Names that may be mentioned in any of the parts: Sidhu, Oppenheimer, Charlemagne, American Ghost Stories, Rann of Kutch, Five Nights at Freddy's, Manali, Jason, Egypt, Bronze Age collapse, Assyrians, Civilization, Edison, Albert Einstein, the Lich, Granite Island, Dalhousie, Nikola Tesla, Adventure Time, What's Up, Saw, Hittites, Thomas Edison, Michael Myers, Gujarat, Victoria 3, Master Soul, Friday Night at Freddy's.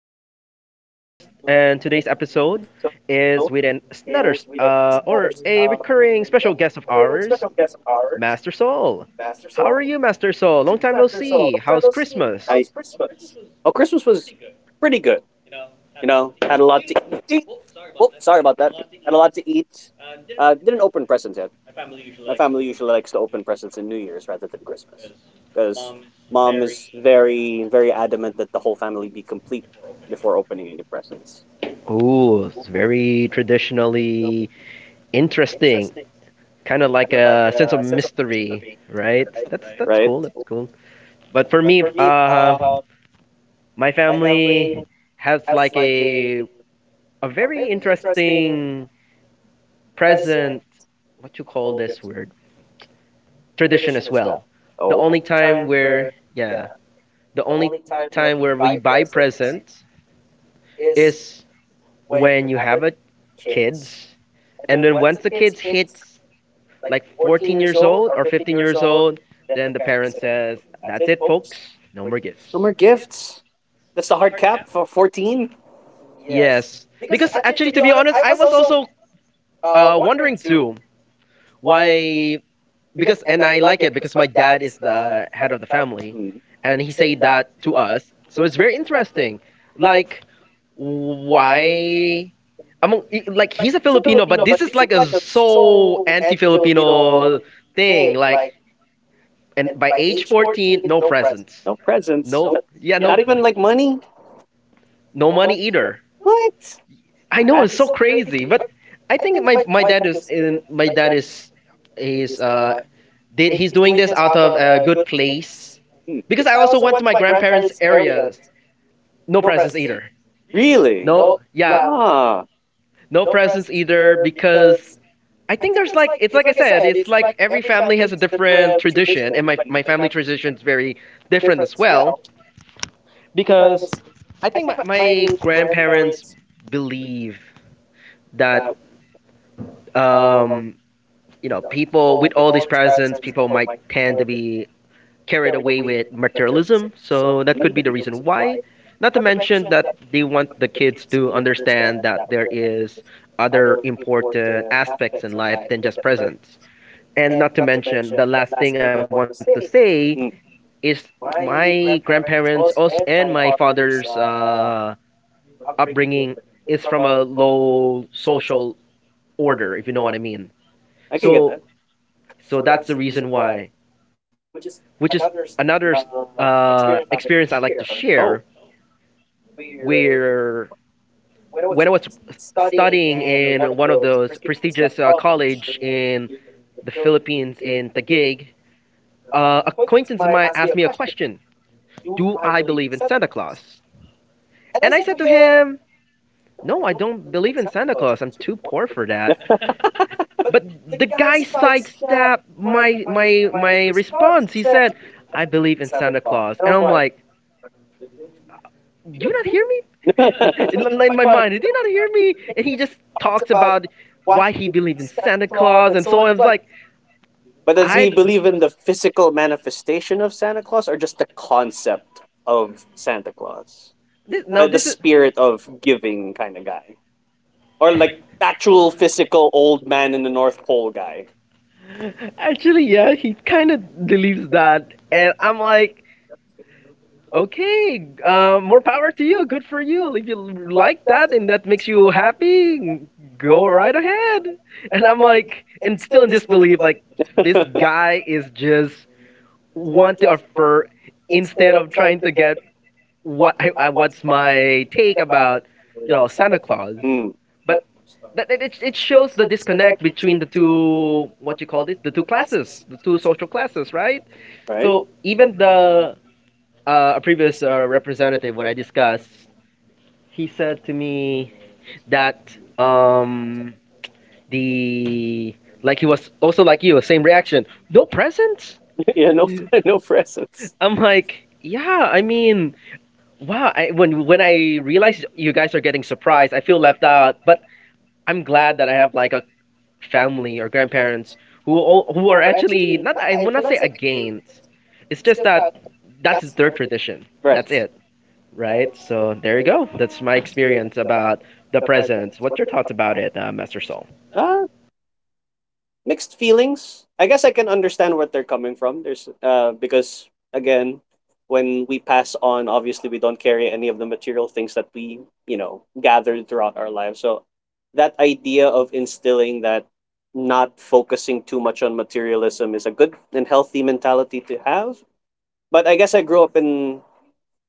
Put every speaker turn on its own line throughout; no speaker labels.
the What's Up podcast, and today's episode is with an, another or a recurring special guest of ours, Master Soul. How are you, Master Soul? Long time no see. How's Christmas?
It's a New Year's rather than Christmas. Because mom is very, very adamant that the whole family be complete before opening any presents.
Ooh, it's very traditionally interesting, kind of like a sense of mystery, right? That's
Right?
cool. That's cool. But for me, my family has like a very interesting present, what you call this word, tradition as well. The
Oh.
only time
The.
where, yeah, the only time where we buy presents is when you have a kids, and then once the kids hits like 14 years old or 15 years old, then the parent says, "That's it folks, no more
No
gifts."
more gifts. That's the hard cap for 14.
Yes, because actually to be honest, I was also wondering too why, because and I like it because my dad is the head of the family,
Mm.
and he said that to us. So it's very interesting. Like why? Among, like he's a Filipino, but this is like a so anti-Filipino thing. Like and by age 14, no presents,
No presents.
no,
Not,
yeah,
Not
no
even like money.
no money either.
What?
I know it's so crazy, but I think my dad is They, he's doing this out of a good place
Hmm.
because I also went to my grandparents' areas. No presents either.
Really?
No, yeah,
Ah.
no presents either because I think there's like, it's like I said, it's like every family has a different tradition, and my family tradition is very different as well because I think my grandparents believe that, um you know, people with all these presents, people might tend to be carried away with materialism. So that could be the reason why. Not to mention that they want the kids to understand that there is other important aspects in life than just presents. And not to mention the last thing I want to say
Mm.
is my grandparents also and my father's upbringing is from a low social order, if you know what I mean.
I can so,
So,
get.
so that's the reason why, which is another experience I like to share,
So-,
where when I was studying in one of those prestigious college in the Philippines in Taguig, acquaintance of mine asked me a question: do I believe in Santa Claus? And I said to him, no, I don't believe in Santa Claus. I'm too poor for that. But the guy sidestepped my response. He said, I believe in Santa Claus, and I'm like, do you not hear me?
that. Oh.
in, in my mind, did you not hear me? And he just talks about why he believed in Santa Claus, and so I was like,
But does
I
he believe in the physical manifestation of Santa Claus or just the concept of Santa Claus?
this now
Like the
is
spirit of giving kind of guy. Or like actual physical old man in the North Pole guy.
of guy. actually, yeah, he kind of believes that, and I'm like, okay, more power to you. Good for you. If you like that and that makes you happy, go right ahead. And I'm like, and still in disbelief, like, this guy is just want to offer instead of trying to get what I what's my take about, you know, Santa
Claus.
Claus.
Mm,
But it shows the disconnect between the two what you call this the two classes, the two social classes, right?
right?
So even the a previous representative, what I discussed, he said to me that, the, like he was also like you, same reaction. No presents.
Yeah, no presents.
I'm like, yeah. I mean, wow. I, when I realize you guys are getting surprised, I feel left out. But I'm glad that I have like a family or grandparents who all, who are actually not. I will not say against. It's just that that's their tradition.
Right.
That's it. Right? So there you go. That's my experience about the presents. What's your thoughts about it, Master Soul?
Ah, mixed feelings. I guess I can understand where they're coming from. There's because again, when we pass on, obviously we don't carry any of the material things that we, you know, gathered throughout our lives. So that idea of instilling that not focusing too much on materialism is a good and healthy mentality to have. But I guess I grew up in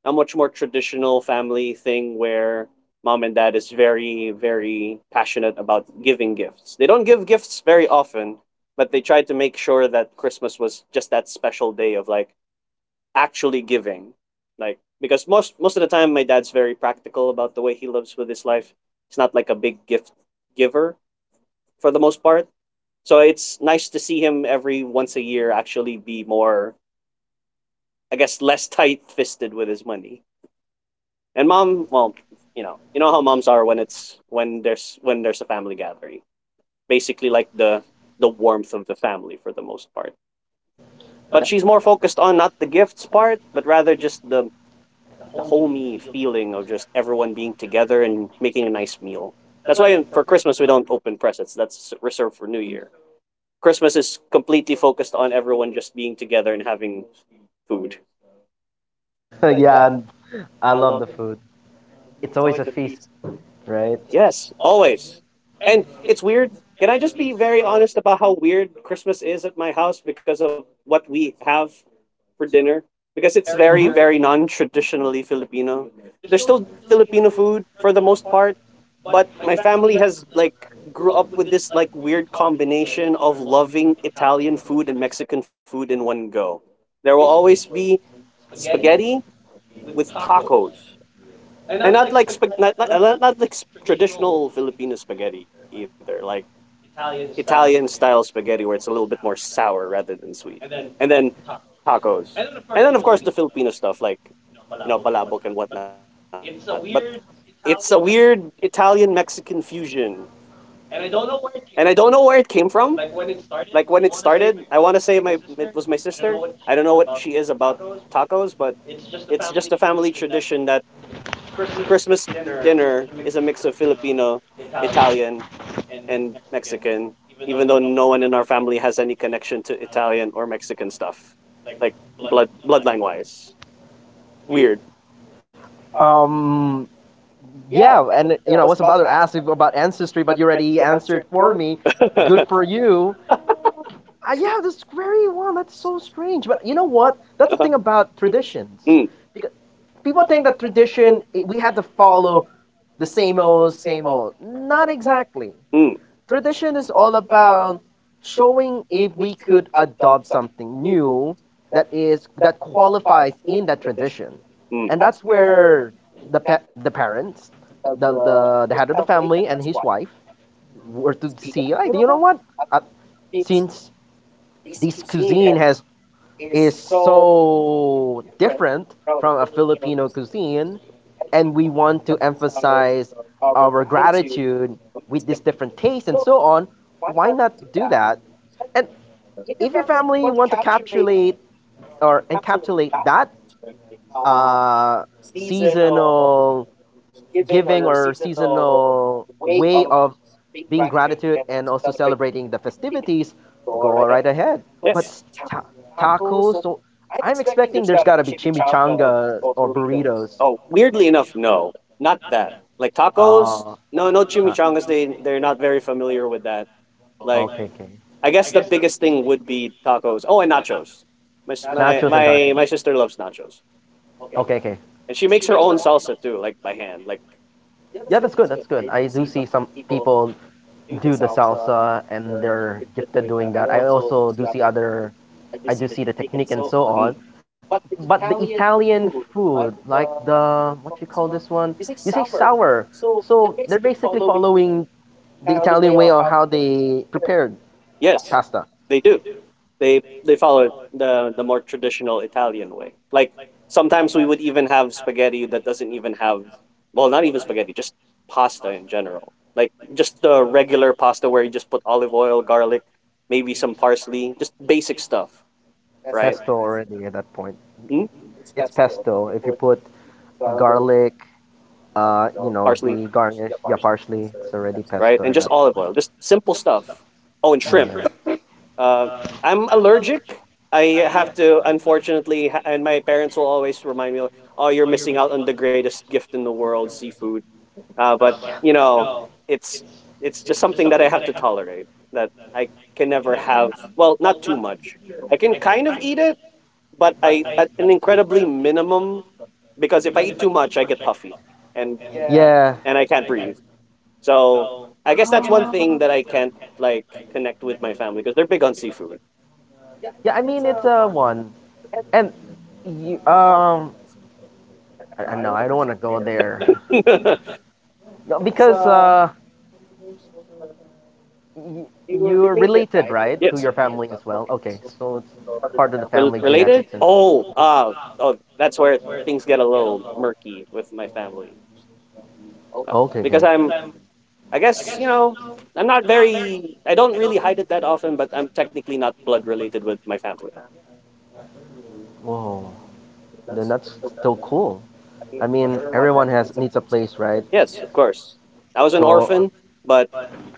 a much more traditional family thing where mom and dad is very, very passionate about giving gifts. They don't give gifts very often, but they tried to make sure that Christmas was just that special day of like actually giving. Like because most of the time my dad's very practical about the way he lives with his life. He's not like a big gift giver for the most part. So it's nice to see him every once a year actually be more, I guess, less tight fisted with his money. And mom, well, you know how moms are when it's when there's a family gathering. Basically, like the warmth of the family for the most part. But she's more focused on not the gifts part, but rather just the homey feeling of just everyone being together and making a nice meal. That's why for Christmas we don't open presents. That's reserved for New Year. Christmas is completely focused on everyone just being together and having food.
Yeah, and I love the food. It's always a feast, right?
Yes, always. And it's weird. Can I just be very honest about how weird Christmas is at my house because of what we have for dinner? Because it's very, very non traditionally Filipino. There's still Filipino food for the most part, but my family has like grew up with this like weird combination of loving Italian food and Mexican food in one go. There will always be spaghetti with tacos. And not like traditional Filipino spaghetti either. Like Italian style spaghetti where it's a little bit more sour rather than sweet. And then tacos. And then of course the Filipino stuff like palabok and whatnot. But it's a weird Italian Mexican fusion. And I don't know where it came from. Like when it started, I want to say my it was my sister. I don't know what she is about tacos, but it's just a family tradition that Christmas dinner is a mix of Filipino, Italian, and Mexican, even though no one in our family has any connection to Italian or Mexican stuff, like bloodline wise. Weird.
Um, yeah, and you know, I was about to ask you about ancestry, but you already answered for me. Good
Uh-huh.
for you. Yeah, this very one. That's so strange. But you know what? That's the thing about traditions.
Mm,
Because people think that tradition, we have to follow the same old, same old. Not exactly.
mm.
Tradition is all about showing if we could adopt something new that is, that qualifies in that tradition,
Mm.
and that's where the parents, the head of the family and his wife were to see like, you know what, uh, since this cuisine has is so different from a Filipino cuisine and we want to emphasize our gratitude with these different tastes and so on, why not do that? And if your family want to encapsulate, or encapsulate that, uh, seasonal giving or seasonal way of being gratitude and also celebrating the festivities, go right ahead. But
Yes.
tacos, so I'm expecting there's got to be chimichangas or burritos.
Oh, weirdly enough, no, not that. Like tacos,
Oh,
no, no
ah,
chimichangas. They're not very familiar with that. Like,
okay, like, okay.
I guess the biggest thing would be tacos. Oh, and nachos. My my
Nachos and my
my, my
tacos.
sister loves nachos.
Okay, okay.
And she makes her own salsa too, like by hand. Like.
Yeah, that's good. That's good. I do see some people do the salsa and they're gifted doing that. I also do see other, I do see the technique and so on.
Mm.
But the Italian food, like the, what you call this one? You say sour. So they're basically following the Italian way of how they prepared
Yes,
pasta,
they do. They follow the more traditional Italian way. Like sometimes we would even have spaghetti that doesn't even have, well, not even spaghetti, just pasta in general. Like just the regular pasta where you just put olive oil, garlic, maybe some parsley, just basic stuff. Right.
pesto, right, already at that point.
Cool. Hmm?
It's pesto. If you put garlic, you know,
Parsley.
the garnish, yeah, parsley, it's already
Right?
pesto
And
at
just
that
olive oil, just simple stuff. Oh, and
point.
shrimp.
Right.
Uh, I'm allergic. I have to, unfortunately, and my parents will always remind me, like, "Oh, you're missing out on the greatest gift in the world, seafood." But you know, it's it's just something that I have to tolerate. That I can never have. Well, not too much. I can kind of eat it, but I at an incredibly minimum because if I eat too much, I get puffy and
Yeah.
I can't breathe. So I guess that's one thing that I
Ah.
can't like connect with my family because they're big on seafood.
Yeah, I mean it's a one, and you, no, I don't want to go there. No, because y you're related, right, to
Yes.
your family as well. Okay, so it's part of the family
Related?
genetics and.
Oh, oh, that's where things get a little murky with my family. Uh,
Okay,
because
okay.
I'm, I guess, you know, I'm not very, I don't really hide it that often, but I'm technically not blood related with my family.
Whoa, then that's still cool. I mean, everyone has needs a place, right?
Yes, of course. I was an
So,
orphan, but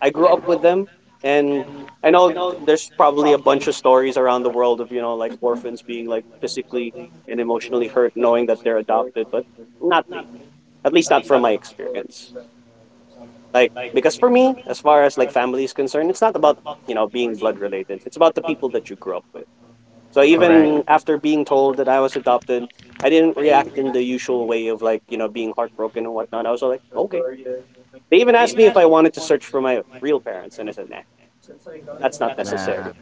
I grew up with them. And I know there's probably a bunch of stories around the world of, you know, like orphans being like physically and emotionally hurt knowing that they're adopted, but not me. At least not from my experience. Like because for me, as far as like family is concerned, it's not about being blood related. It's about the people that you grew up with. So
correct.
even after being told that I was adopted, I didn't react in the usual way of like being heartbroken and whatnot. I was like, okay. They even asked me if I wanted to search for my real parents and I said, nah, that's not
Yeah,
necessary.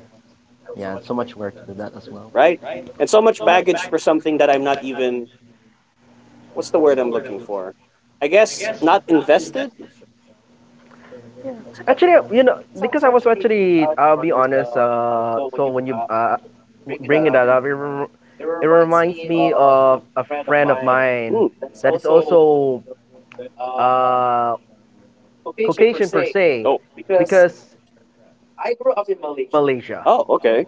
yeah, it's so much work to do that as well.
Right? And so much baggage for something that I'm not even, what's the word I'm looking for? I guess not invested.
Actually, you know, because I was actually, I'll be honest. So when you bring that up, it reminds me of a friend of mine
Hmm.
that is also uh, Caucasian per se,
Oh.
because I grew up in Malaysia.
Oh, okay.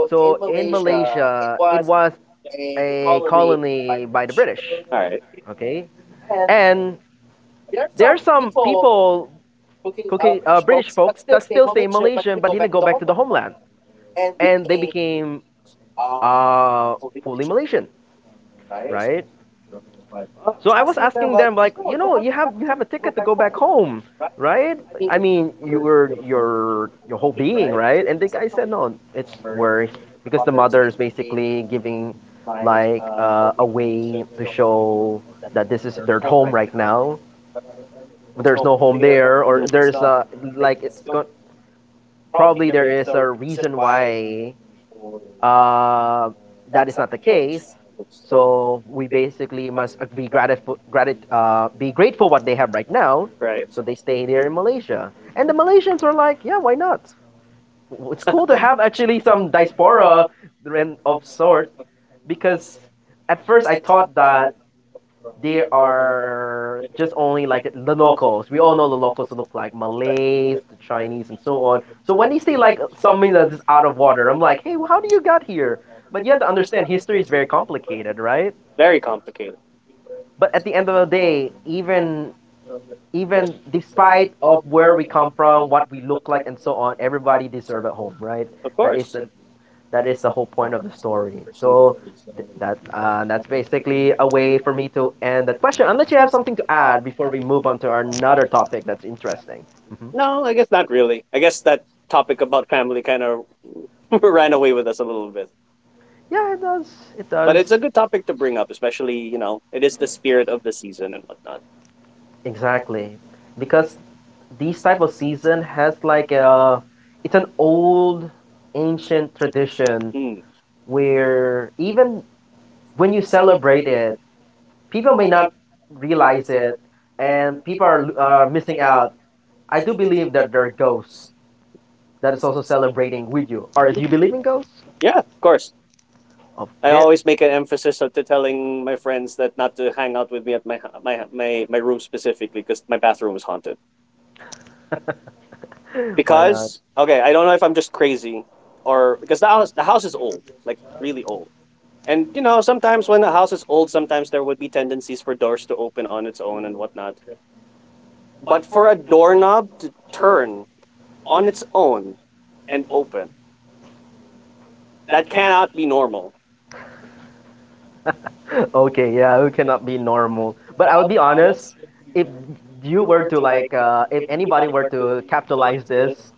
So in Malaysia, it was a colony by the
All
British.
right.
Okay, and there are some people, okay, British folks, that still stay in Malaysian but didn't go back to the homeland, and they became uh, fully Malaysian, right? So I was asking them like, you know, you have a ticket to go back home, right? I mean, you, your whole being, right? And the guy said, no, it's worse because the mother is basically giving like a way to show that this is their home right now. There's no home there, or there's like it's go- probably there is a reason why uh, that is not the case. So we basically must be grateful, be grateful what they have right now.
Right.
So they stay here
Yeah.
in Malaysia, and the Malaysians were like, yeah, why not? It's cool to have actually some diaspora and of sort, because at first I thought that they are just only like the locals. We all know the locals look like Malays, the Chinese, and so on. So when they say like something that is out of water, I'm like, hey, well, how do you got here? But you have to understand history is very complicated, right?
Very complicated.
But at the end of the day, even even despite of where we come from, what we look like, and so on, everybody deserve a home, right? That is the, that is the whole point of the story. So that's basically a way for me to end that question. Unless you have something to add before we move on to our another topic that's interesting. Mhm.
No, I guess not really. I guess that topic about family kind of ran away with us a little bit.
Yeah, it does. It
But
does.
it's a good topic to bring up, especially, you know, it is the spirit of the season and whatnot.
Exactly, because these type of season has like a, it's an old, ancient tradition
Mm.
where even when you celebrate it, people may not realize it and people are missing out. I do believe that there are ghosts that is also celebrating with you, or do you believe in ghosts
Yeah, of course.
of
I
that?
always make an emphasis of to telling my friends that not to hang out with me at my room specifically because my bathroom is haunted.
Why not?
Because okay, I don't know if I'm just crazy or because the house is old, like really old. And you know, sometimes when the house is old, sometimes there would be tendencies for doors to open on its own and whatnot. But for a doorknob to turn on its own and open, that cannot be normal.
Okay, yeah, we cannot be normal, but I would be honest. If you were to like, if anybody were to capitalize this,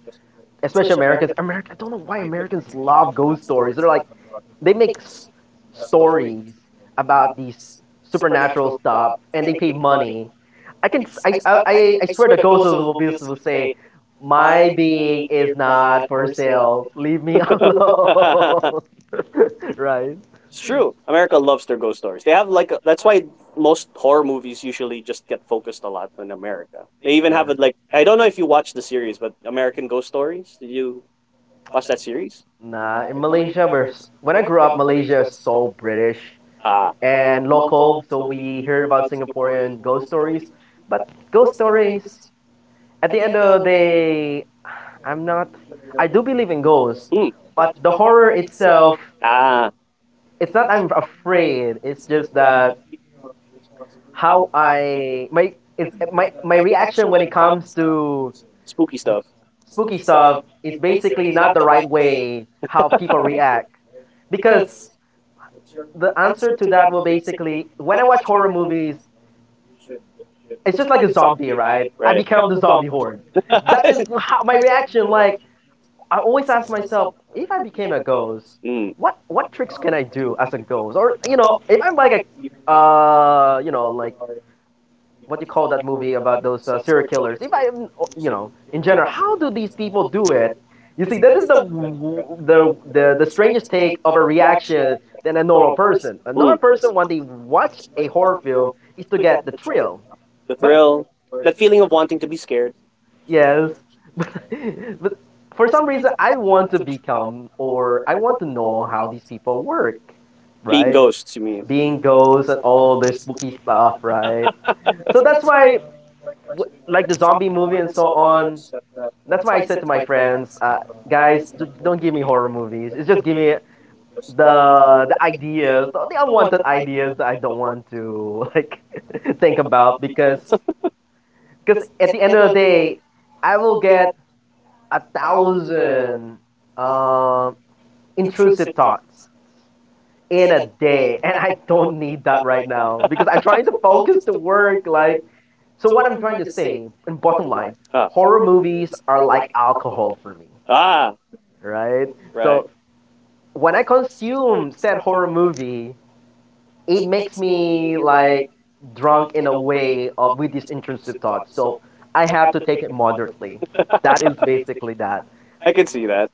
especially Americans. America, I don't know why Americans love ghost stories. They're like, they make stories about these supernatural stuff, and they pay money. I can, I swear the ghost will, will say, my being is not for sale. Leave me
It's
alone. Right?
true. America loves their ghost stories. They have like a, that's why most horror movies usually just get focused a lot in America. They even have it like, I don't
Yeah.
know if you watch the series, but American Ghost Stories. Did you watch that series?
Nah, in Malaysia, we're when I grew up, Malaysia is so British.
Ah.
And local, so we hear about Singaporean ghost stories. But ghost stories, at the end of the day, I'm not. I do believe in ghosts,
Hmm.
but the horror itself,
Ah.
it's not I'm afraid. It's just that how I my it, my reaction when it comes to
Spooky stuff.
spooky stuff is basically not the right way how people react because the answer to that will basically when I watch horror movies, it's just like a zombie, right? I
Right.
become the zombie horde. That is how my reaction. Like I always ask myself, if I became a ghost,
Mm.
what tricks can I do as a ghost? Or if I'm like a, like what you call that movie about those serial killers? If I am, in general, how do these people do it? You see, that is the strangest take of a reaction than a normal person. A
Mm.
normal person when they watch a horror film is to get the thrill,
The
but
thrill. That feeling of wanting to be scared.
yes, but, but for some reason, I want to become or I want to know how these people work,
Being
right?
ghosts, you mean?
Being ghosts and all this spooky stuff, right? So that's why, like the zombie movie and so on, that's why I said to my friends, guys, don't give me horror movies. It's just give me the ideas, the unwanted ideas that I don't want to like think about because at the end of the day, I will get a thousand um intrusive thoughts in a day and I don't need that right now because I'm trying to focus to work like, so what I'm trying to say in bottom line,
Ah.
horror movies are like alcohol for me,
Ah.
right?
Right.
So when I consume said horror movie, it makes me like drunk in a way of with these intrusive thoughts, so I have to take it moderately. That is basically that.
I can see that.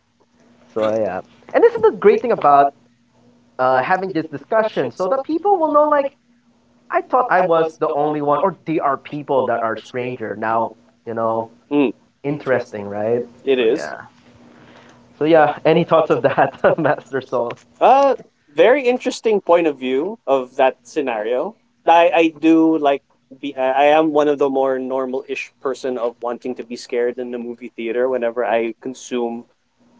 So yeah, and this is the great thing about having this discussion so that people will know like I thought I was the only one or there are people that are stranger now, you know
Mm.
interesting, right?
It
so
is.
yeah so yeah any thoughts of that? Master Soul.
Uh Very interesting point of view of that scenario. I do like be I am one of the more normal ish person of wanting to be scared in the movie theater whenever I consume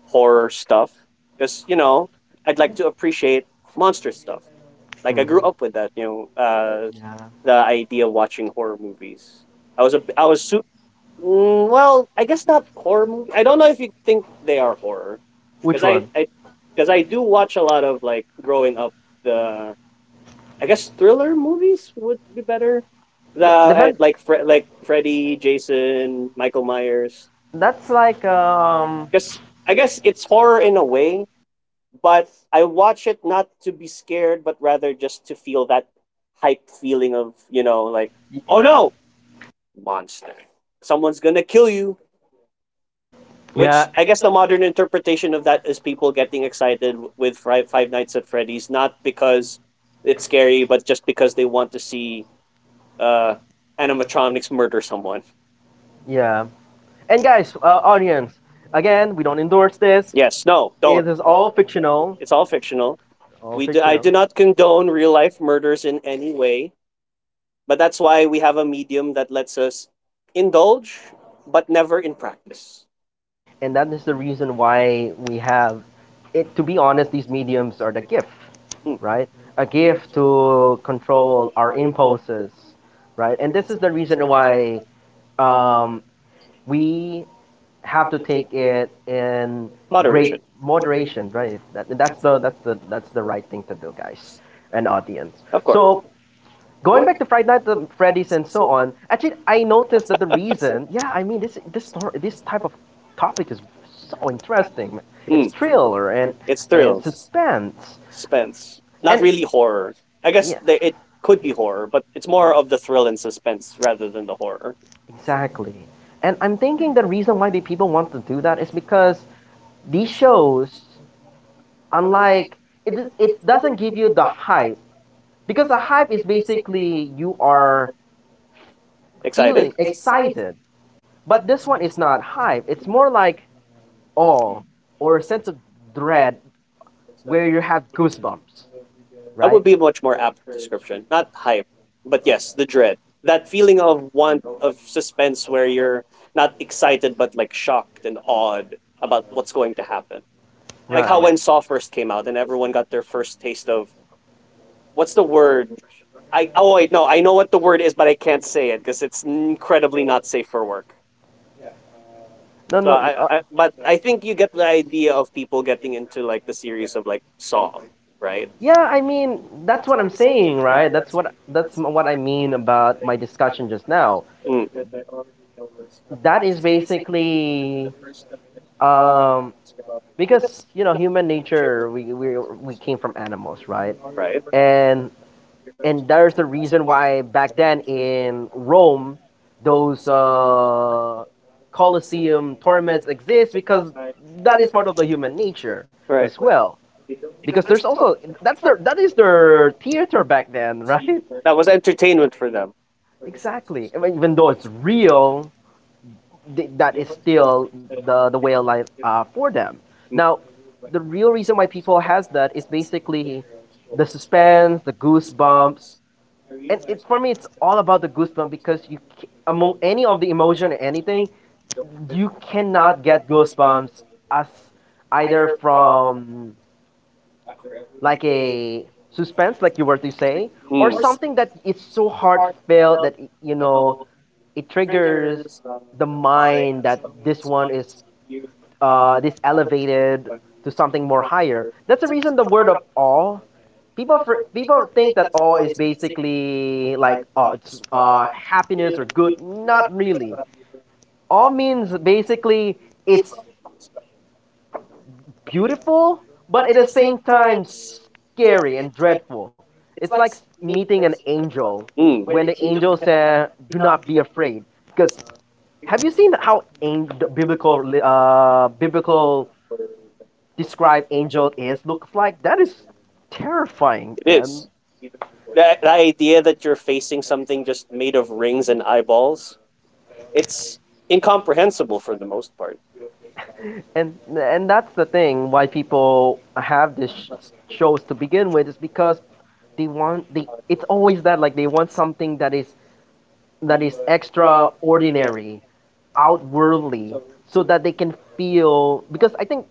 horror stuff because I'd like to appreciate monster stuff. Like I grew
Mhm.
up with that, know, uh,
Yeah.
the idea of watching horror movies. I was a I was su- mm, well, I guess not horror movie. I don't know if you think they are horror
Which
because
one I?
I because I do watch a lot of like growing up the I guess thriller movies would be better. The
The man-
like like Freddy, Jason, Michael
and
Myers.
that's like
Because I guess it's horror in a way. But I watch it not to be scared, but rather just to feel that hype feeling of, you know, like, oh no, monster. Someone's gonna kill you. Which
yeah.
I guess the modern interpretation of that is people getting excited with Five Nights at Freddy's, not because it's scary, but just because they want to see uh, animatronics murder someone.
Yeah. And guys, audience, again, we don't endorse
Endorse
this.
this. Yes, no, don't.
It is
It's
all
all fictional.
fictional.
It's all fictional.
All
I
fictional.
do not condone real
Life.
life murders in any way. But that's why we have a medium that lets us indulge, but never in practice.
And that is the reason why we have it. To be honest, these mediums are the gift,
Mm.
right? A gift to control our impulses, right? And this is the reason why um, we have to take it in great
Moderation,
moderation, right? That's the right thing to do, guys, and audience.
of course.
So going back to Friday Night at Freddy's and so on, actually, I noticed that the reason, yeah, I mean, this story, this type of topic is so interesting. It's
Mm.
thriller and
It's thrill,
suspense,
suspense. Not
and
really horror. I
horror.
guess
Yeah.
the, it could be horror, but it's more of the thrill and suspense rather than the horror.
Exactly. And I'm thinking the reason why the people want to do that is because these shows, unlike it, it doesn't give you the hype, because the hype is basically you are
Excited?
feeling excited, but this one is not hype. It's more like awe or a sense of dread where you have goosebumps,
That
right?
would be a much more apt description. Not hype, but yes, the dread. That feeling of want of suspense where you're not excited but like shocked and awed about what's going to happen. Like how
Right.
when Saw first came out and everyone got their first taste of, what's the word? I, oh wait, no, I know what the word is, but I can't say it because it's incredibly not safe for work.
No,
So
no, uh,
but I think you get the idea of people getting into like the series of like Saw, right?
yeah. I mean, That's what I'm saying, right? that's what I mean about my discussion just now.
Mm.
That is basically um, because you know human nature. We came from animals, right?
Right.
And and there's a reason why back then in Rome, those Colosseum torments exist, because that is part of the human nature as
Right.
well. Because there's also that is their theater back then, right?
That was entertainment for them.
Exactly. I mean, even though it's real, that is still the way of life for them.
Mm.
Now,
The
the real reason why people has that is basically the suspense, the goosebumps,
Love,
and for me it's all about the goosebump because among any of the emotion or anything, you cannot get goosebumps as, either from like a suspense like you were to say,
Mm.
or
or
something
something
that
that
is
is
so
so hard to build.
heartfelt that it, it triggers the mind that this one is this elevated to something more higher. That's the reason the word of awe. People think that awe is basically like, oh it's happiness or good. Not really. Awe means basically it's beautiful, but at the same time scary and dreadful. It's like meeting an angel
Mm.
when
Where
the
the
angel
angels had.
said, "Do not be afraid," because have you seen how the biblical describe Angel is looks like? That is terrifying.
It is.
And
Even before. That idea that you're facing something just made of rings and eyeballs, it's incomprehensible for the most part.
and and that's the thing why people have these shows to begin with, is because they want they it's always that like they want something that is extraordinary, outworldly, so that they can feel, because I think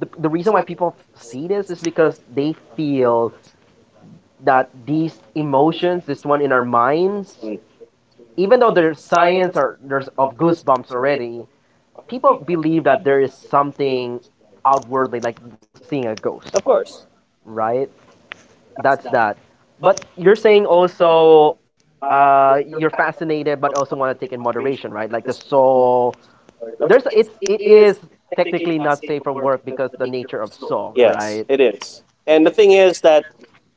the reason why people see this is because they feel that these emotions, this one in our minds,
Mm.
even
Even
though there's science
science
or there's of
goes
goosebumps already, people believe that there is something outwardly, like seeing a ghost, right? That's that. But you're saying also you're fascinated, but also want to take in moderation, right? Like the soul.
further.
There's it's
It
it
is
is
technically
technically not safe for work because the nature of
slow.
soul,
Yes,
right?
it is. And the thing is that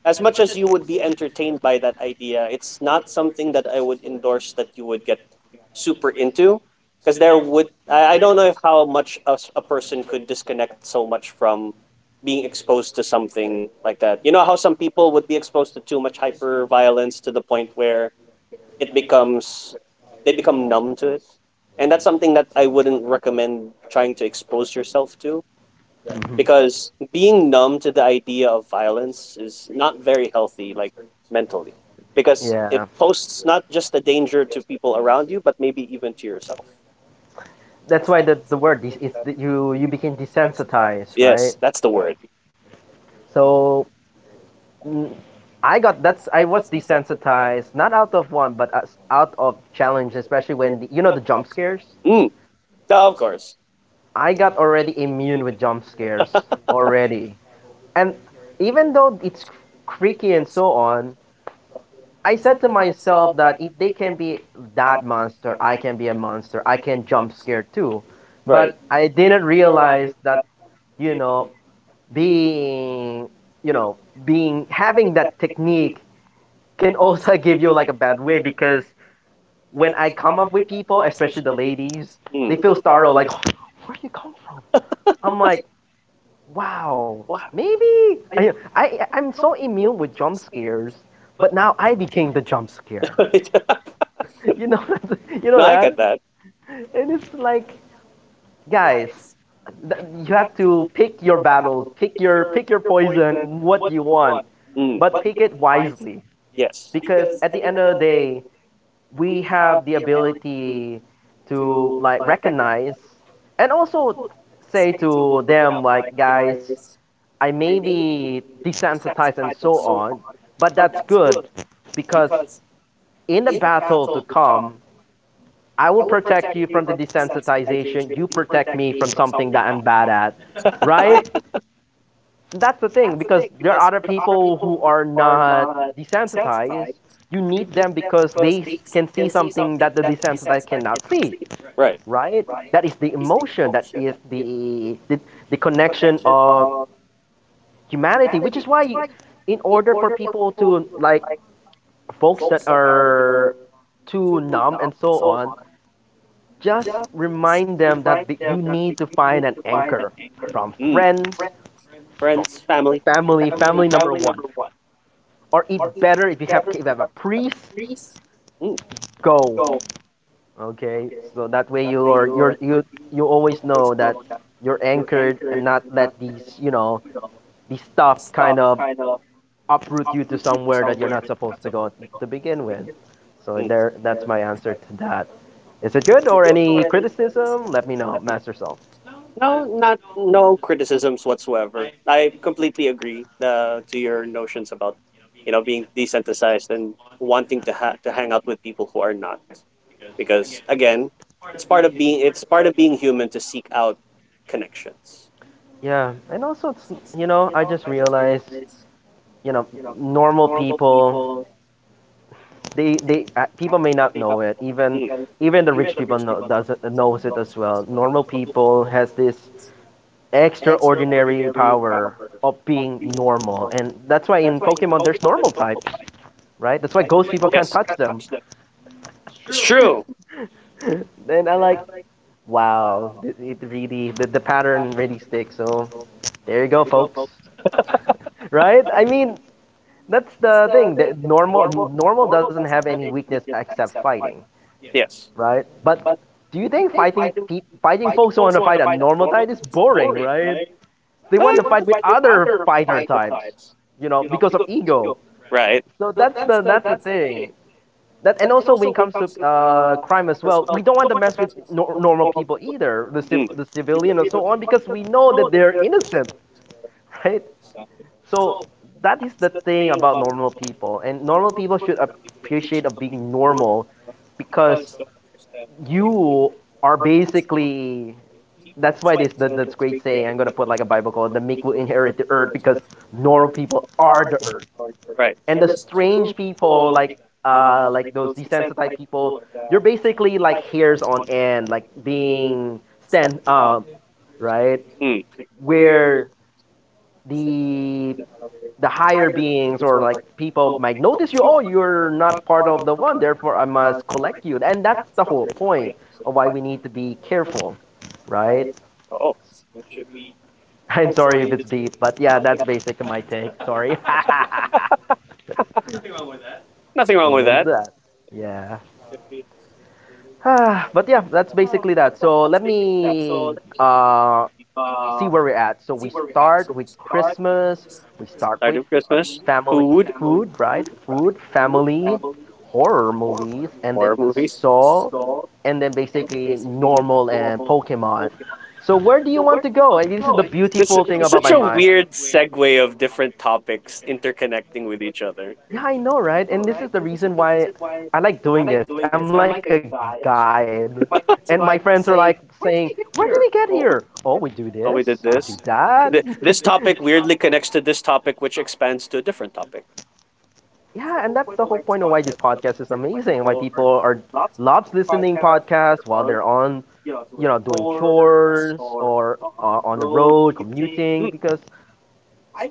as much as you would be entertained by that idea, it's not something that I would endorse that you would get super into, because there would I don't know if how much a person could disconnect so much from being exposed to something like that. You know how some people would be exposed to too much hyper violence to the point where it becomes they become numb to it, and that's something that I wouldn't recommend trying to expose yourself to,
Because
because
being
being
numb
numb to
to
the
the idea
idea of
of violence,
violence is not very healthy, like mentally,
because
because it
yeah, it poses
posts not
not just
just a
the danger
danger
to
to
people
people
around
around
you,
you,
but
but
maybe
maybe
even
even
to
to
yourself.
yourself.
That's why, that's the word. Is it's that you became desensitized, right?
Yes, that's the word.
So mm, I got that's I was desensitized not out of one but out of challenge, especially when the, you know the jump scares,
Mm. No, of course.
I got already immune with jump scares already. And even though it's creaky and so on, I said to myself that if they can be that monster, I can be a monster, I can jump scare too.
But right.
But I
But.
didn't realize that you know being you know being having that technique can also give you like a bad way, because when I come up with people, especially the ladies, they
Mm.
feel startled like, oh, where do you come from? I'm like, wow, maybe I'm so immune with jump scares, but now I became the jump scare. You know, you know
No, I get
that,
that.
and it's like, guys. th- You have to pick your battles, pick your poison, what you want,
Mm.
but pick it wisely,
Yes.
because at the end of the day, we have the ability to like recognize and also say to them like, guys, I may be desensitized and so on, but that's good, because in the battle to come, I will protect you from the desensitization, you protect me from something that I'm bad at, right? That's the thing, because there are other people who are not desensitized. You need them because they can see something that the desensitized cannot see,
Right.
right? That is the emotion. That is the connection of humanity, which is why, you, in order for people to like, folks that are too numb and so on, just remind them that you need to find an anchor from
Mm.
friends,
Friends, family.
family number one, or eat better if you have, a priest,
Mm.
go. Okay, so that way you always know that you're anchored and not let these, these stuff kind of uproot you to somewhere that you're not supposed to go to begin with. So
Mm.
there, that's my answer to that. Is it good, or any criticism? Let me know, master self.
No, not no criticisms whatsoever. I completely agree to your notions about, you know, being desensitized and wanting to hang out with people who are not. Because again, it's part of being human to seek out connections.
Yeah, and also it's, I just realized, you know normal people, they people may not know it, even
Mm.
even the rich people knows it as well, normal people has this extraordinary power of being normal, and that's why in pokemon there's normal types, right? That's why ghost people can't touch them.
It's true.
Then I like, wow, it really, the pattern really sticks. So there you go, folks, right? I mean, that's the thing, that normal doesn't have any weakness except fighting,
Yes.
right? But do you think fighting fighting folks who want to fight a normal type is boring, right? They want to fight with
They
other fighter types, because of ego. So
Right.
that's the thing. That, and also when it comes to crime as well, we don't want to mess with nor normal people either, the civilian and so on, because we know that they're innocent, right? So that is the thing about normal people, and normal people should appreciate of being normal, because you are basically that's why this that's great saying I'm going to put like a bible called "The meek will inherit the earth," because normal people are the earth and the
Right.
strange people like those desensitized people you're basically like hairs on end like being stand up, right? Where the the higher beings or like people might notice you. Oh, you're not part of the one, therefore I must collect you, and that's the whole point of why we need to be careful, right?
Oh,
I'm sorry if it's deep, but yeah, that's basically my take. Sorry.
nothing wrong with
Amen for
that.
that. Yeah. But yeah, that's basically that. So let me see where we're at. So we start with Christmas, we start with
Start with
family,
food,
food, right? Food, family, horror movies, and then the
horror.
Saw, and then basically normal and Pokemon. So where do you want to go? And this is the
This
beautiful thing
is
about
such
my
a
mind.
weird segue of different topics interconnecting with each other.
Yeah, I know, right? And this is the reason why I like doing this. I'm like a guide. And my friends are like saying, "Where did we get here? Oh, we do
Oh, we did
this, we
this.
do that."
This topic weirdly connects to this topic, which expands to a different topic.
Yeah, and that's the whole point of why this podcast is amazing. Why people are loves listening podcasts while they're on, doing chores or on the road commuting. Because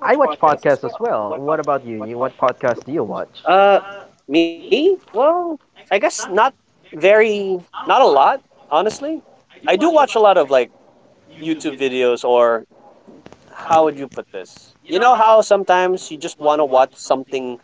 I watch podcasts as well. What about you? You what podcast do you watch?
Uh, Me? Well, I guess not very, not a lot, honestly. I do watch a lot of like YouTube videos. Or how would you put this? You know how sometimes you just want to watch something,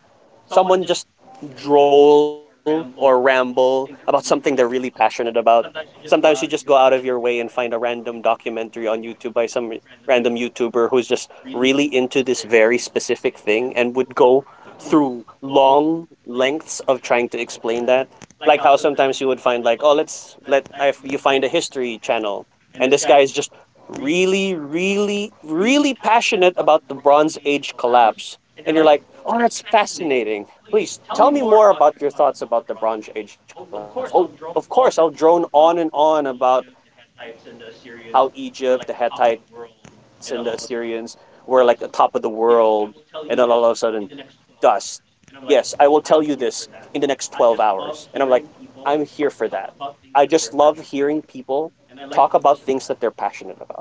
someone just droll or ramble about something they're really passionate about? Sometimes you just go out of your way and find a random documentary on YouTube by some random YouTuber who's just really into this very specific thing and would go through long lengths of trying to explain that. Like how sometimes you would find like, oh, let's let if you find a history channel and this guy is just really, really, really passionate about the Bronze Age collapse. And you're like, oh, that's fascinating. Please tell me more about your thoughts about the Bronze Age collapse. Oh, of course, I'll drone on and on about how Egypt, the Hittites, and the Assyrians were like the top of the world. And then all of a sudden, dust. Yes, I will tell you this in the next 12 hours. And I'm like, I'm here for that. I just love hearing people talk about things that they're passionate about. And I like to listen to that.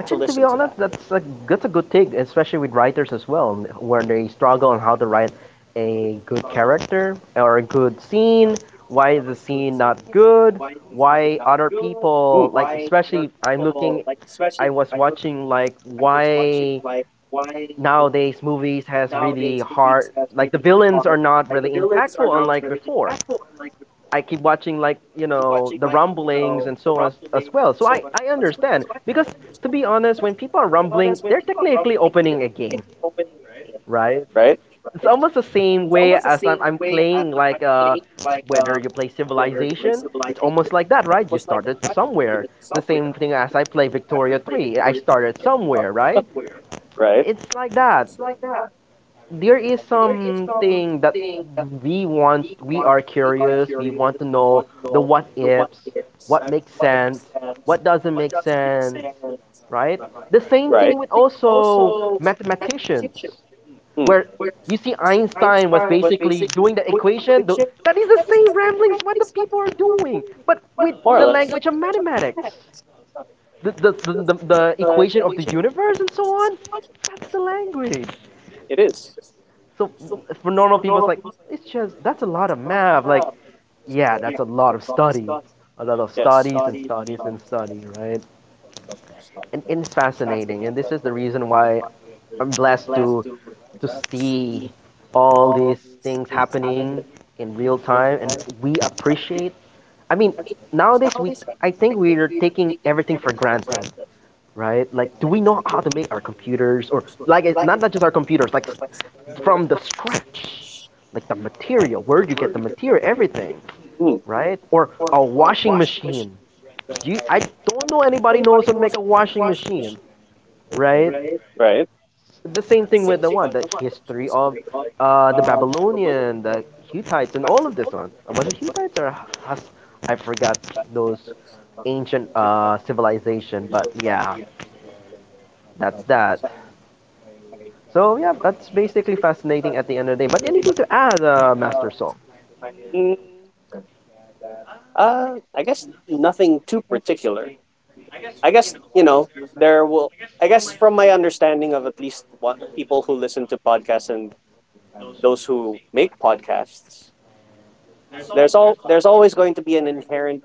Actually, to be honest, that's a good take, especially with writers as well, when they struggle on how to write a good character or a good scene. Why is the scene not good? Why
Mm,
other people like, especially I'm looking, I was watching like why nowadays movies has really hard, like the villains are not really impactful unlike before. I keep watching like you know the rumblings and so on as well. So I understand because to be honest, when people are rumbling, they're technically opening a game,
right?
right? It's almost the same way as I'm playing like whether you play Civilization, it's almost like that, right? You started somewhere. The same thing as I play Victoria 3, I started somewhere, right?
Right.
It's like that. There is something that we want, we are curious, we want to know the what ifs, what makes sense, what doesn't make sense, right? The same thing
Right.
with also mathematicians,
Mm,
where you see Einstein was basically doing the equation that is the same ramblings what the people are doing, but with
more
the
or less,
language of mathematics, the equation of the universe and so on. That's the language.
it is.
So for normal people, it's like it's just that's a lot of math. Like yeah, that's a lot of studies, a lot of studies and studies and study, right? And it's fascinating, and this is the reason why I'm blessed to see all these things happening in real time, and we appreciate. I mean, nowadays we I think we're taking everything for granted, right? Like, do we know how to make our computers, or like, not just our computers, like, from the scratch, like the material. Where do you get the material? Everything,
Mm,
right? Or a washing machine. I don't know anybody knows how to make a washing machine, right?
right.
The same thing with the one, the history of the Babylonian, the Hittites, and all of this one. Was it Hittites or Hus- I forgot those ancient civilization, but yeah, that's that. So yeah, that's basically fascinating at the end of the day. But anything to add, Master Song?
Mm, I guess nothing too particular. I guess, you know, there will. I guess from my understanding of at least what people who listen to podcasts and those who make podcasts, there's always going to be an inherent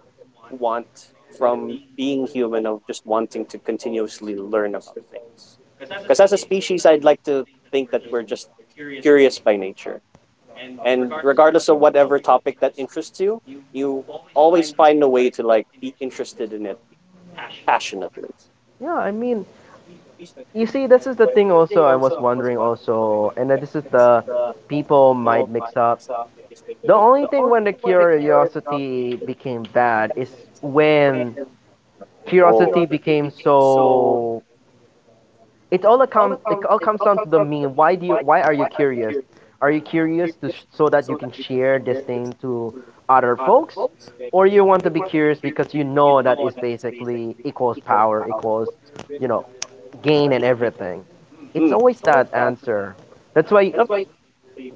want from being human of just wanting to continuously learn about things. Because as a species, I'd like to think that we're just curious by nature, and regardless of whatever topic that interests you, you always find a way to like be interested in it passionately.
Yeah, I mean, you see, this is the thing. Also, I was wondering also, and this is the people might mix up. The only thing when the curiosity became bad is when
Oh.
curiosity became so it all account it all comes down to the meme. Why are you curious? Are you curious to so that you can share this thing to other folks, or you want to be curious because you know that is basically equals power equals, you know, gain and everything. It's
Mm.
always that answer. That's why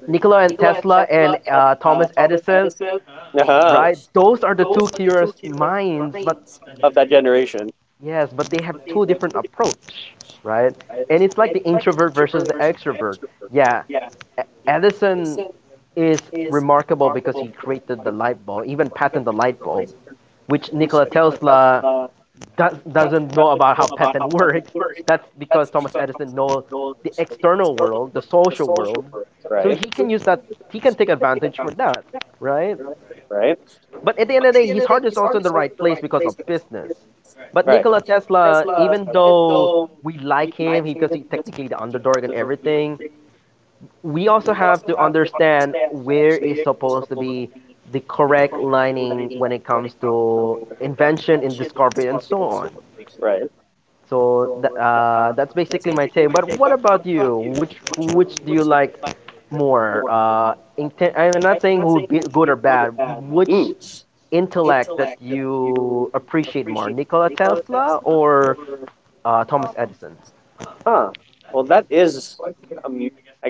Nikola and Tesla and Thomas Edison,
Uh-huh.
right? Those are the two curious minds, but
Of that generation.
yes, but they have two different approach, right? And it's like the introvert versus the extrovert. Yeah, E- Edison is remarkable because he created the light bulb, even patented the light bulb, which Nikola Tesla doesn't know about how patent works. That's because Thomas Edison knows the external world, the social world, so he can use that. He can take advantage for that, right?
Right.
But at the end of the day, his heart is also in the right place because of business. But
Right.
Nikola Tesla, even though we like him because he's technically the underdog and everything, we also have to understand where is supposed to be the correct lining when it comes to invention and discovery and so on. So that's basically my take. But what about you? Which do you like more? I'm not saying who be good or bad. Which intellect that you appreciate more, Nikola Tesla or Thomas Edison?
Huh. Well, that is,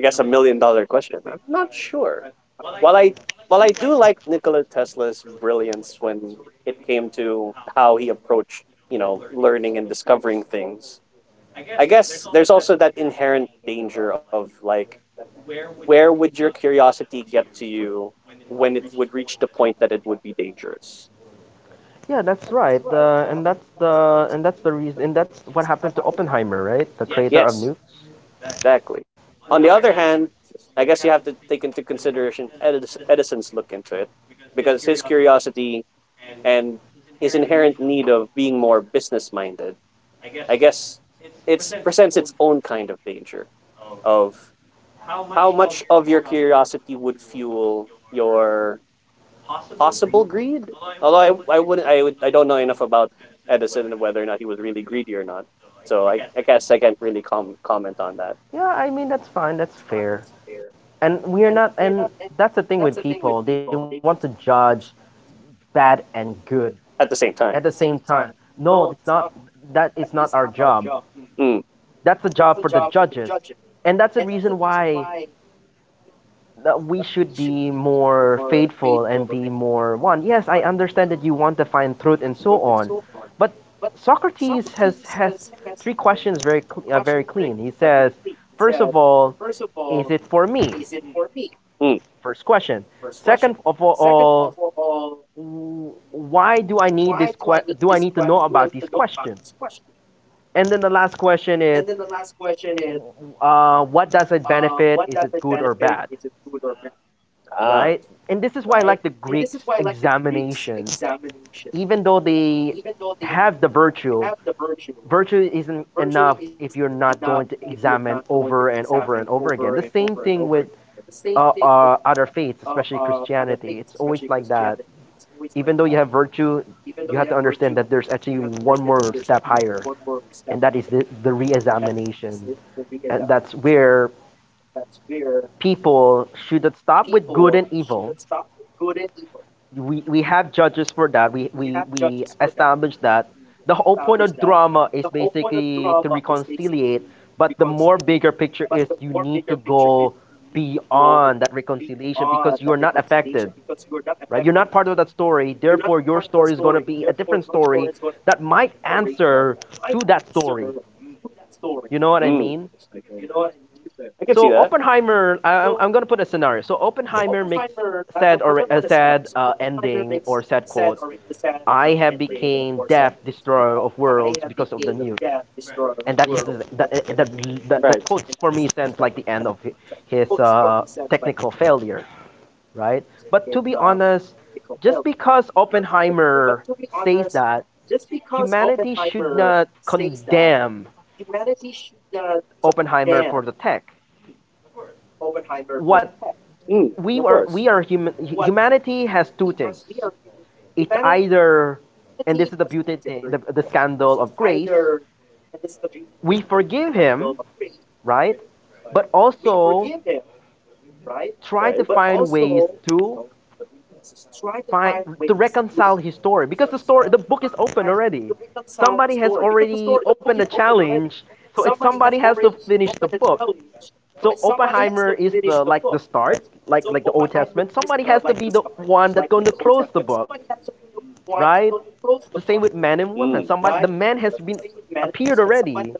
guess, a million dollar question. Sure. While I do like Nikola Tesla's brilliance, it how he approached, you learning, and I guess there's also that inherent danger of like, where would your curiosity get to you when it would reach the point that it would be dangerous?
Yeah, that's right. And that's the and that's the reason. And that's what happened to Oppenheimer, right? The creator of
Yes,
nukes.
exactly. On the other hand, I guess you have to take into consideration Edison's look into it, because his curiosity and his inherent need of being more business minded, I guess it presents its own kind of danger of how much of your curiosity would fuel your possible greed. Although I wouldn't, I would, I don't know enough about Edison and whether or not he was really greedy or not. So I guess I can't really comment on that
Yeah, I mean that's fine. That's fair. And we are not. And that's the thing with people. They want to judge bad and good
at the same
at the
time.
same time. No, it's not. That is not our job.
Mm,
That's the job for the judges, and that's the reason why that we should be more faithful and be more one. Yes, I understand that you want to find truth and so on, but Socrates has three questions very very clean. He says, first of all, is it for me?
mm,
First question. Second of all, why do I need this do I need to know about these questions? And then the last question is, what does it benefit? Is it good or bad?
ah,
Right? And this is why I like the Greeks examination, even though they have the virtue. Virtue isn't enough if you're not going to examine over and over and over again. The same thing with other faiths, especially Christianity. It's always like that. Even though you have virtue, you have to understand that there's actually one more step higher, and that is the re examination. And that's where people should not stop with good and evil. We have judges for that, we establish that. The whole point of drama is basically to reconciliate, but the more bigger picture is you need to go beyond that reconciliation because you are not affected, right? You're not part of that story. Therefore, your story is going to be a different story that might answer to that story.
mm,
You know what I mean?
I can see that.
So Oppenheimer, going to put a scenario. So Oppenheimer makes sad or a sad ending or sad quote. I have became death destroyer of worlds because of the nuke, and that is the,
Right.
that that the quotes for me sounds like the end of his technical failure. Right? But to be honest, just because Oppenheimer says that, humanity should not condemn Oppenheimer for the tech.
Of course.
What we are human. Humanity has two things. It's either, and this is the beauty, thing, the scandal of grace. We forgive him, right? But
Right.
also try to find ways to find to reconcile his story because the book is open already. Somebody has already opened the challenge, so it's somebody has to finish the book. So Oppenheimer is the like the start, like the Old Testament. Somebody has to be the one that's going to close the book, right?
Mm,
It's the same with man and woman. Somebody The man has been appeared already.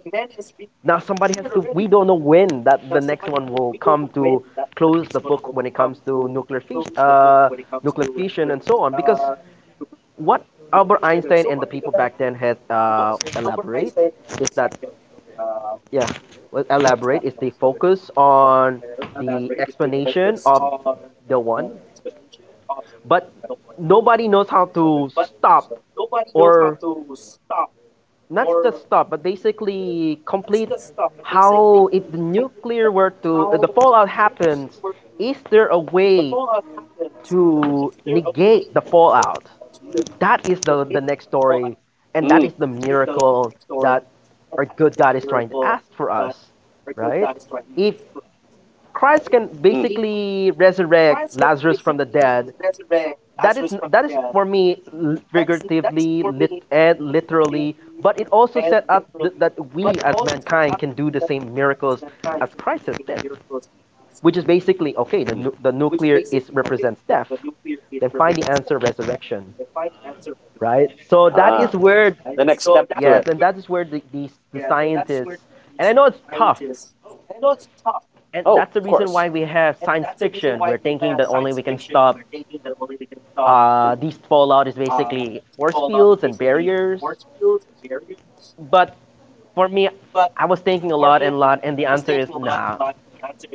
Now somebody has to we don't know when that the next one will come to close the book when it comes to nuclear fission and so on because what Albert Einstein and the people back then has elaborate is that yeah, well, elaborate is they focus on the explanation of the one, but nobody knows how to stop or not just stop, but basically complete how if the nuclear were to if the fallout happens, is there a way to negate the fallout? That is the
mm,
next story, and that is the miracle that our good God is trying to ask for us, right? If
Mm.
Christ can basically resurrect Lazarus from the dead, that is for me figuratively lit and literally, but it also set up that we as mankind can do the same miracles as Christ has did, which is basically okay the, the nuclear is represents death, then find the answer resurrection, right? So
ah.
that is
The
where
next step to it.
yes, and that is where the scientists, and I know it's tough,
Oh,
and
of
that's the
course.
reason why we have science fiction. We're thinking that only we can stop these fallout is basically force fields and barriers. But for me, I was thinking a lot, and the answer is nah.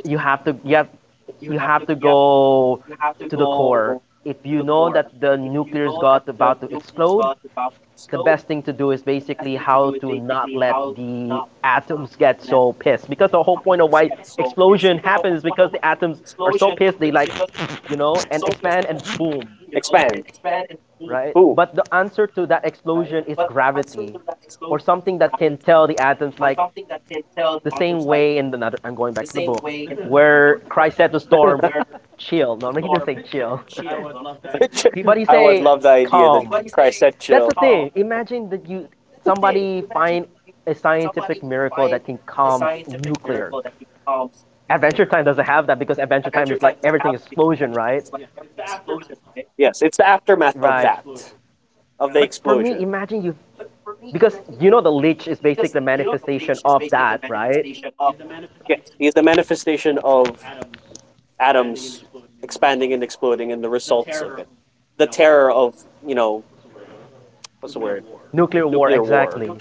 You have to you have, you have to go to the core. If you know that the nuclear is got about to explode, the best thing to do is basically how to not let the atoms get so pissed, because the whole point of why explosion happens is because the atoms are so pissed they like, and expand and boom.
Expand. Boom.
Right, but the answer to that explosion is gravity or something that can tell the atoms like the same way in another, I'm going back to the book where Christ said to storm, "Chill." No, he didn't say chill. He, but he
I would
say,
love the idea
"Calm."
that Christ said
That's
chill.
the thing. Imagine that you somebody find a scientific miracle that can calm nuclear. Adventure Time doesn't have that, because Adventure Time is like everything explosion, right?
Yes, it's the aftermath of
Right.
that, of right, the
But for
explosion.
me, imagine you because you know the lich is basically the manifestation of that, right?
Yeah, it's the manifestation of atoms expanding and exploding and the results of it. The terror of, you know, what's the word?
Nuclear war,
Nuclear war.
exactly.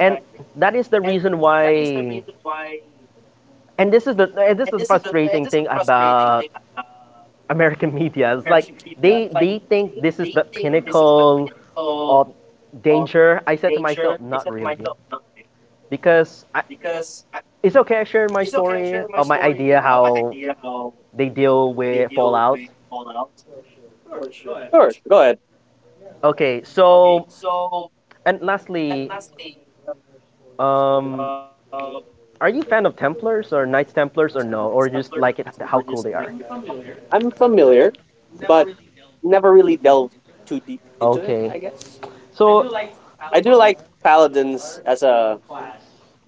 And that is the reason why. And this is the frustrating thing about American media. It's like they think this is the pinnacle of danger. I said to myself, not really, because I, it's okay. I shared my story of my idea how they deal with Fallout.
Sure, sure, go ahead.
Okay, so, and lastly, um, are you a fan of Templars or Knights Templars, or no, or just like it, how cool they are?
I'm familiar, but never really delved too deep into it,
Okay,
I
I
guess.
so I
I do like paladins as a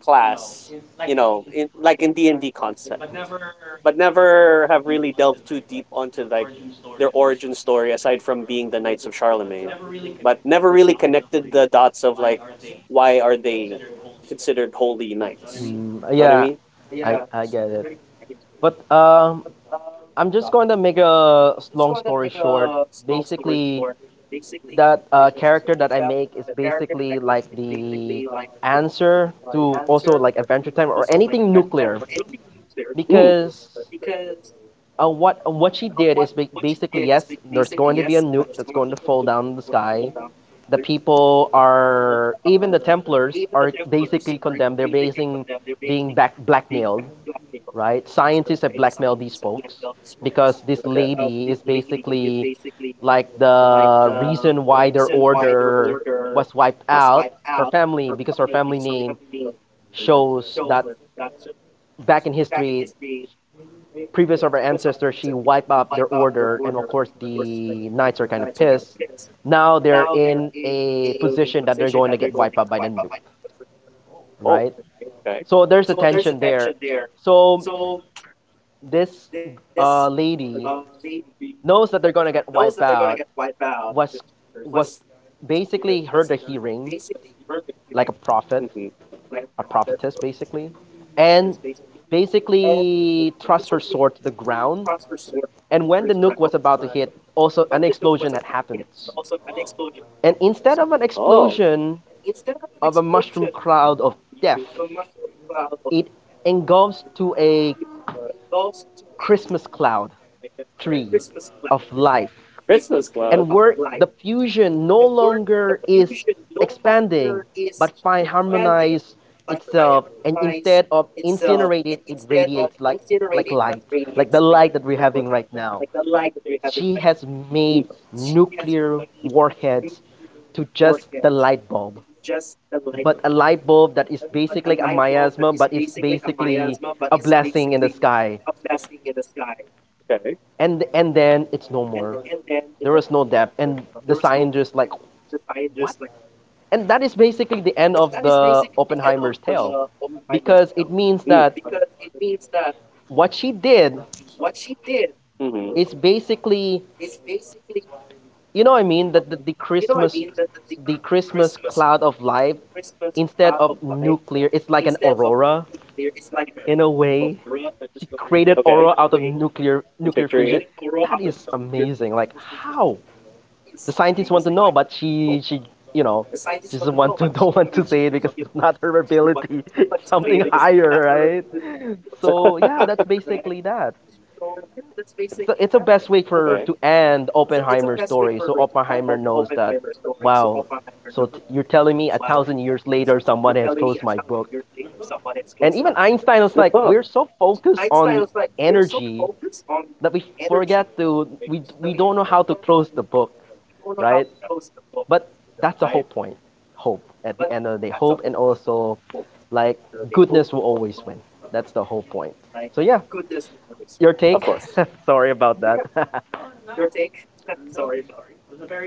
class, you know, like in D&D concept, but never have really delved too deep onto like their origin story aside from being the Knights of Charlemagne. But never really connected the dots of like, why are they considered holy knights?
Mm,
Know what I
yeah,
mean?
I get it. But I'm just going to make a long story short. Basically, that character that I make is basically like the answer to also like Adventure Time or anything nuclear, because what she did is basically, yes, there's going to be a nuke that's going to fall down the sky. The people are, even the Templars are basically condemned. They're basing being back blackmailed, right? Scientists have blackmailed these folks because this lady is basically like the reason why their order was wiped out. Her family, because her family name shows that back in history, previous of her ancestors, she wiped out their order, and of course the knights are kind of pissed. Now they're in a position that they're going to get wiped out by the nuke, right?
Oh.
So there's a
Okay.
tension there. So this lady knows that they're gonna get wiped out, was was basically heard a hearing, like a
Hmm.
prophet, a prophetess basically, and basically thrust her sword to the ground. And when the nuke was about to hit, also an explosion had happened. And instead of
Oh.
an explosion of a mushroom cloud of death, it engulfs to a Christmas cloud tree of life, and where the fusion no longer is expanding but find harmonize itself, and instead of incinerated it radiates like light, like the light that we're having right now. She has
Mm.
made nuclear warheads to just the light bulb, but a light bulb that is basically a miasma, but it's basically a blessing in the sky.
Okay.
And then it's no more, there is no depth, and the scientists like, what? And that is basically the end of the Oppenheimer's tale, because it means that
Mm.
what she did is
Hmm.
basically, you know what I mean, that the Christmas cloud of life, instead of nuclear, it's like an aurora in a way. She
Okay.
created aurora out of
I'm picturing.
nuclear fission. That is amazing. Like, how? The scientists want to know, but she, you know, she doesn't want to don't want to say it, because it's not her ability. It's something higher, right? So yeah, that's basically that. So it's the best way
Okay.
for to end Oppenheimer's story. So Oppenheimer knows that, wow. So you're telling me a thousand years later someone has closed my book, and even Einstein was like, we're so focused on energy that we forget to, we don't know how to close the book, right? But that's the whole point. Hope, at the end of the day, hope and also like goodness will always win. That's the whole point, so yeah,
of
your take. Sorry about that.
No, not.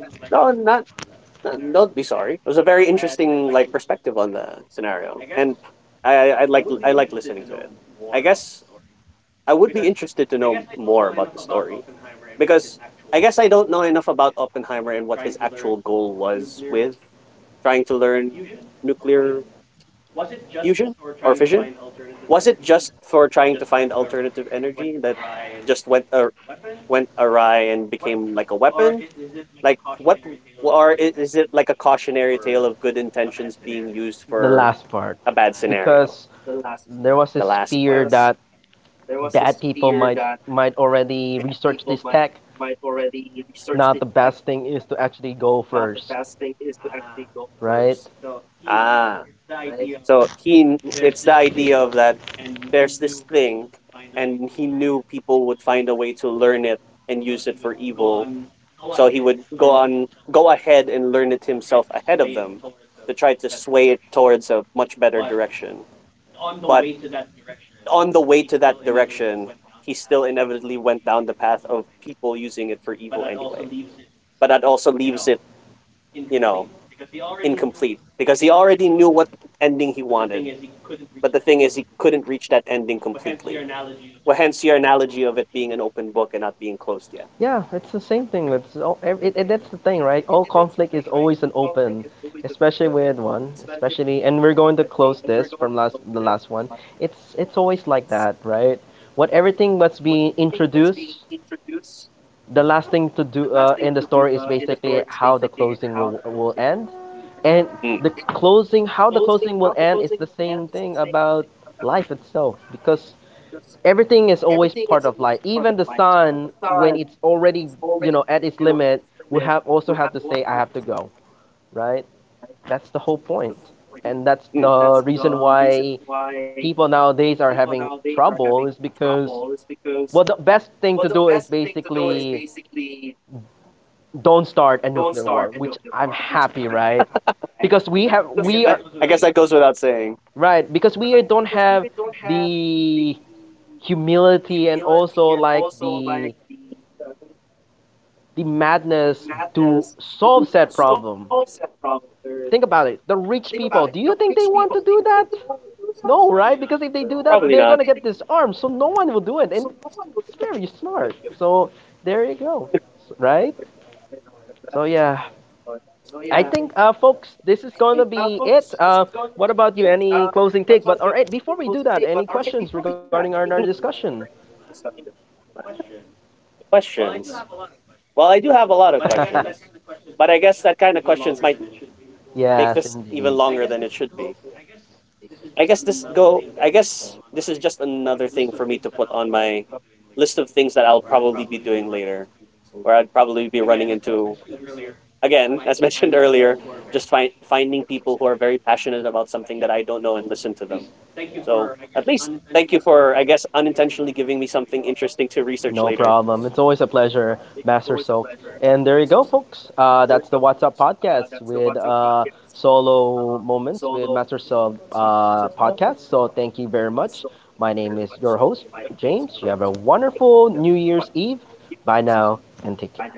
Don't be sorry. It was a very interesting like perspective on the scenario, and I like I like listening to it. I guess I would be interested to know more about the story, because I guess I don't know enough about Oppenheimer and what his actual goal was with trying to learn nuclear fusion or fission. Was it just for trying to find alternative energy that just went awry and became like a weapon? Like what, or is it like a cautionary tale of good intentions being used
The
for
last part,
a bad scenario?
because there was
The
this
last
fear
part.
that bad people might already research this tech, not, the best thing is to actually go first, right?
Ah, so it's the idea of that there's this thing, and he knew people would find a way to learn it and use it for evil. So he would go ahead and learn it himself ahead of them to try to sway it towards a much better direction. But on the way to that direction, he still inevitably went down the path of people using it for evil anyway. But that also leaves it, you know, incomplete, because he already knew what ending he wanted. But the thing is, he couldn't reach that ending completely. Well, hence your analogy of it being an open book and not being closed yet.
Yeah, it's the same thing with all, that's the thing, right? All conflict is always an open, especially with one, especially, and we're going to close this from last the last one. It's always like that, right? What everything that's being introduced, the last thing to do in the story is basically how the closing will end, and the
Mm.
closing, how the closing will end is the same thing about life itself, because everything is always part of life. Even the sun, when it's already, you know, at its limit, we have also have to say, "I have to go." Right? That's the whole point, and that's the
Mm.
reason why people nowadays are having trouble is because, well, the best thing to do is basically don't start a nuclear war, which I'm happy, right? Because we are,
Eh, I guess that goes without
right,
saying.
because we don't have the humility and also like the madness to solve said problem. Think about it. The rich people, do you think they want to do that? No, right? Because if they do that, they're going
Probably
to get
not.
disarmed, so no one will do it. And it's very smart. So there you go, right? So yeah, I think, folks, this is going to be it. What about you? Any closing take? But all right, before we do that, any questions
Before we do
regarding
that,
our
any questions
discussion?
regarding our discussion? Questions. Well, I do have a lot of questions, but I guess that kind of questions might make this even
Yes,
longer than
indeed.
it should be. I guess this go. I guess this is just another thing for me to put on my list of things that I'll probably be doing later, where I'd probably be running into again, as mentioned earlier, just finding people who are very passionate about something that I don't know and listen to them. So at least thank you for, I guess, unintentionally giving me something interesting to
No
research later.
problem. It's always a pleasure, Master Soaked. And there you go, folks. That's the What's Up podcast with solo moments with Master Soaked podcast. So thank you very much. My name is your host, James. You have a wonderful New Year's Eve. Bye now and take care.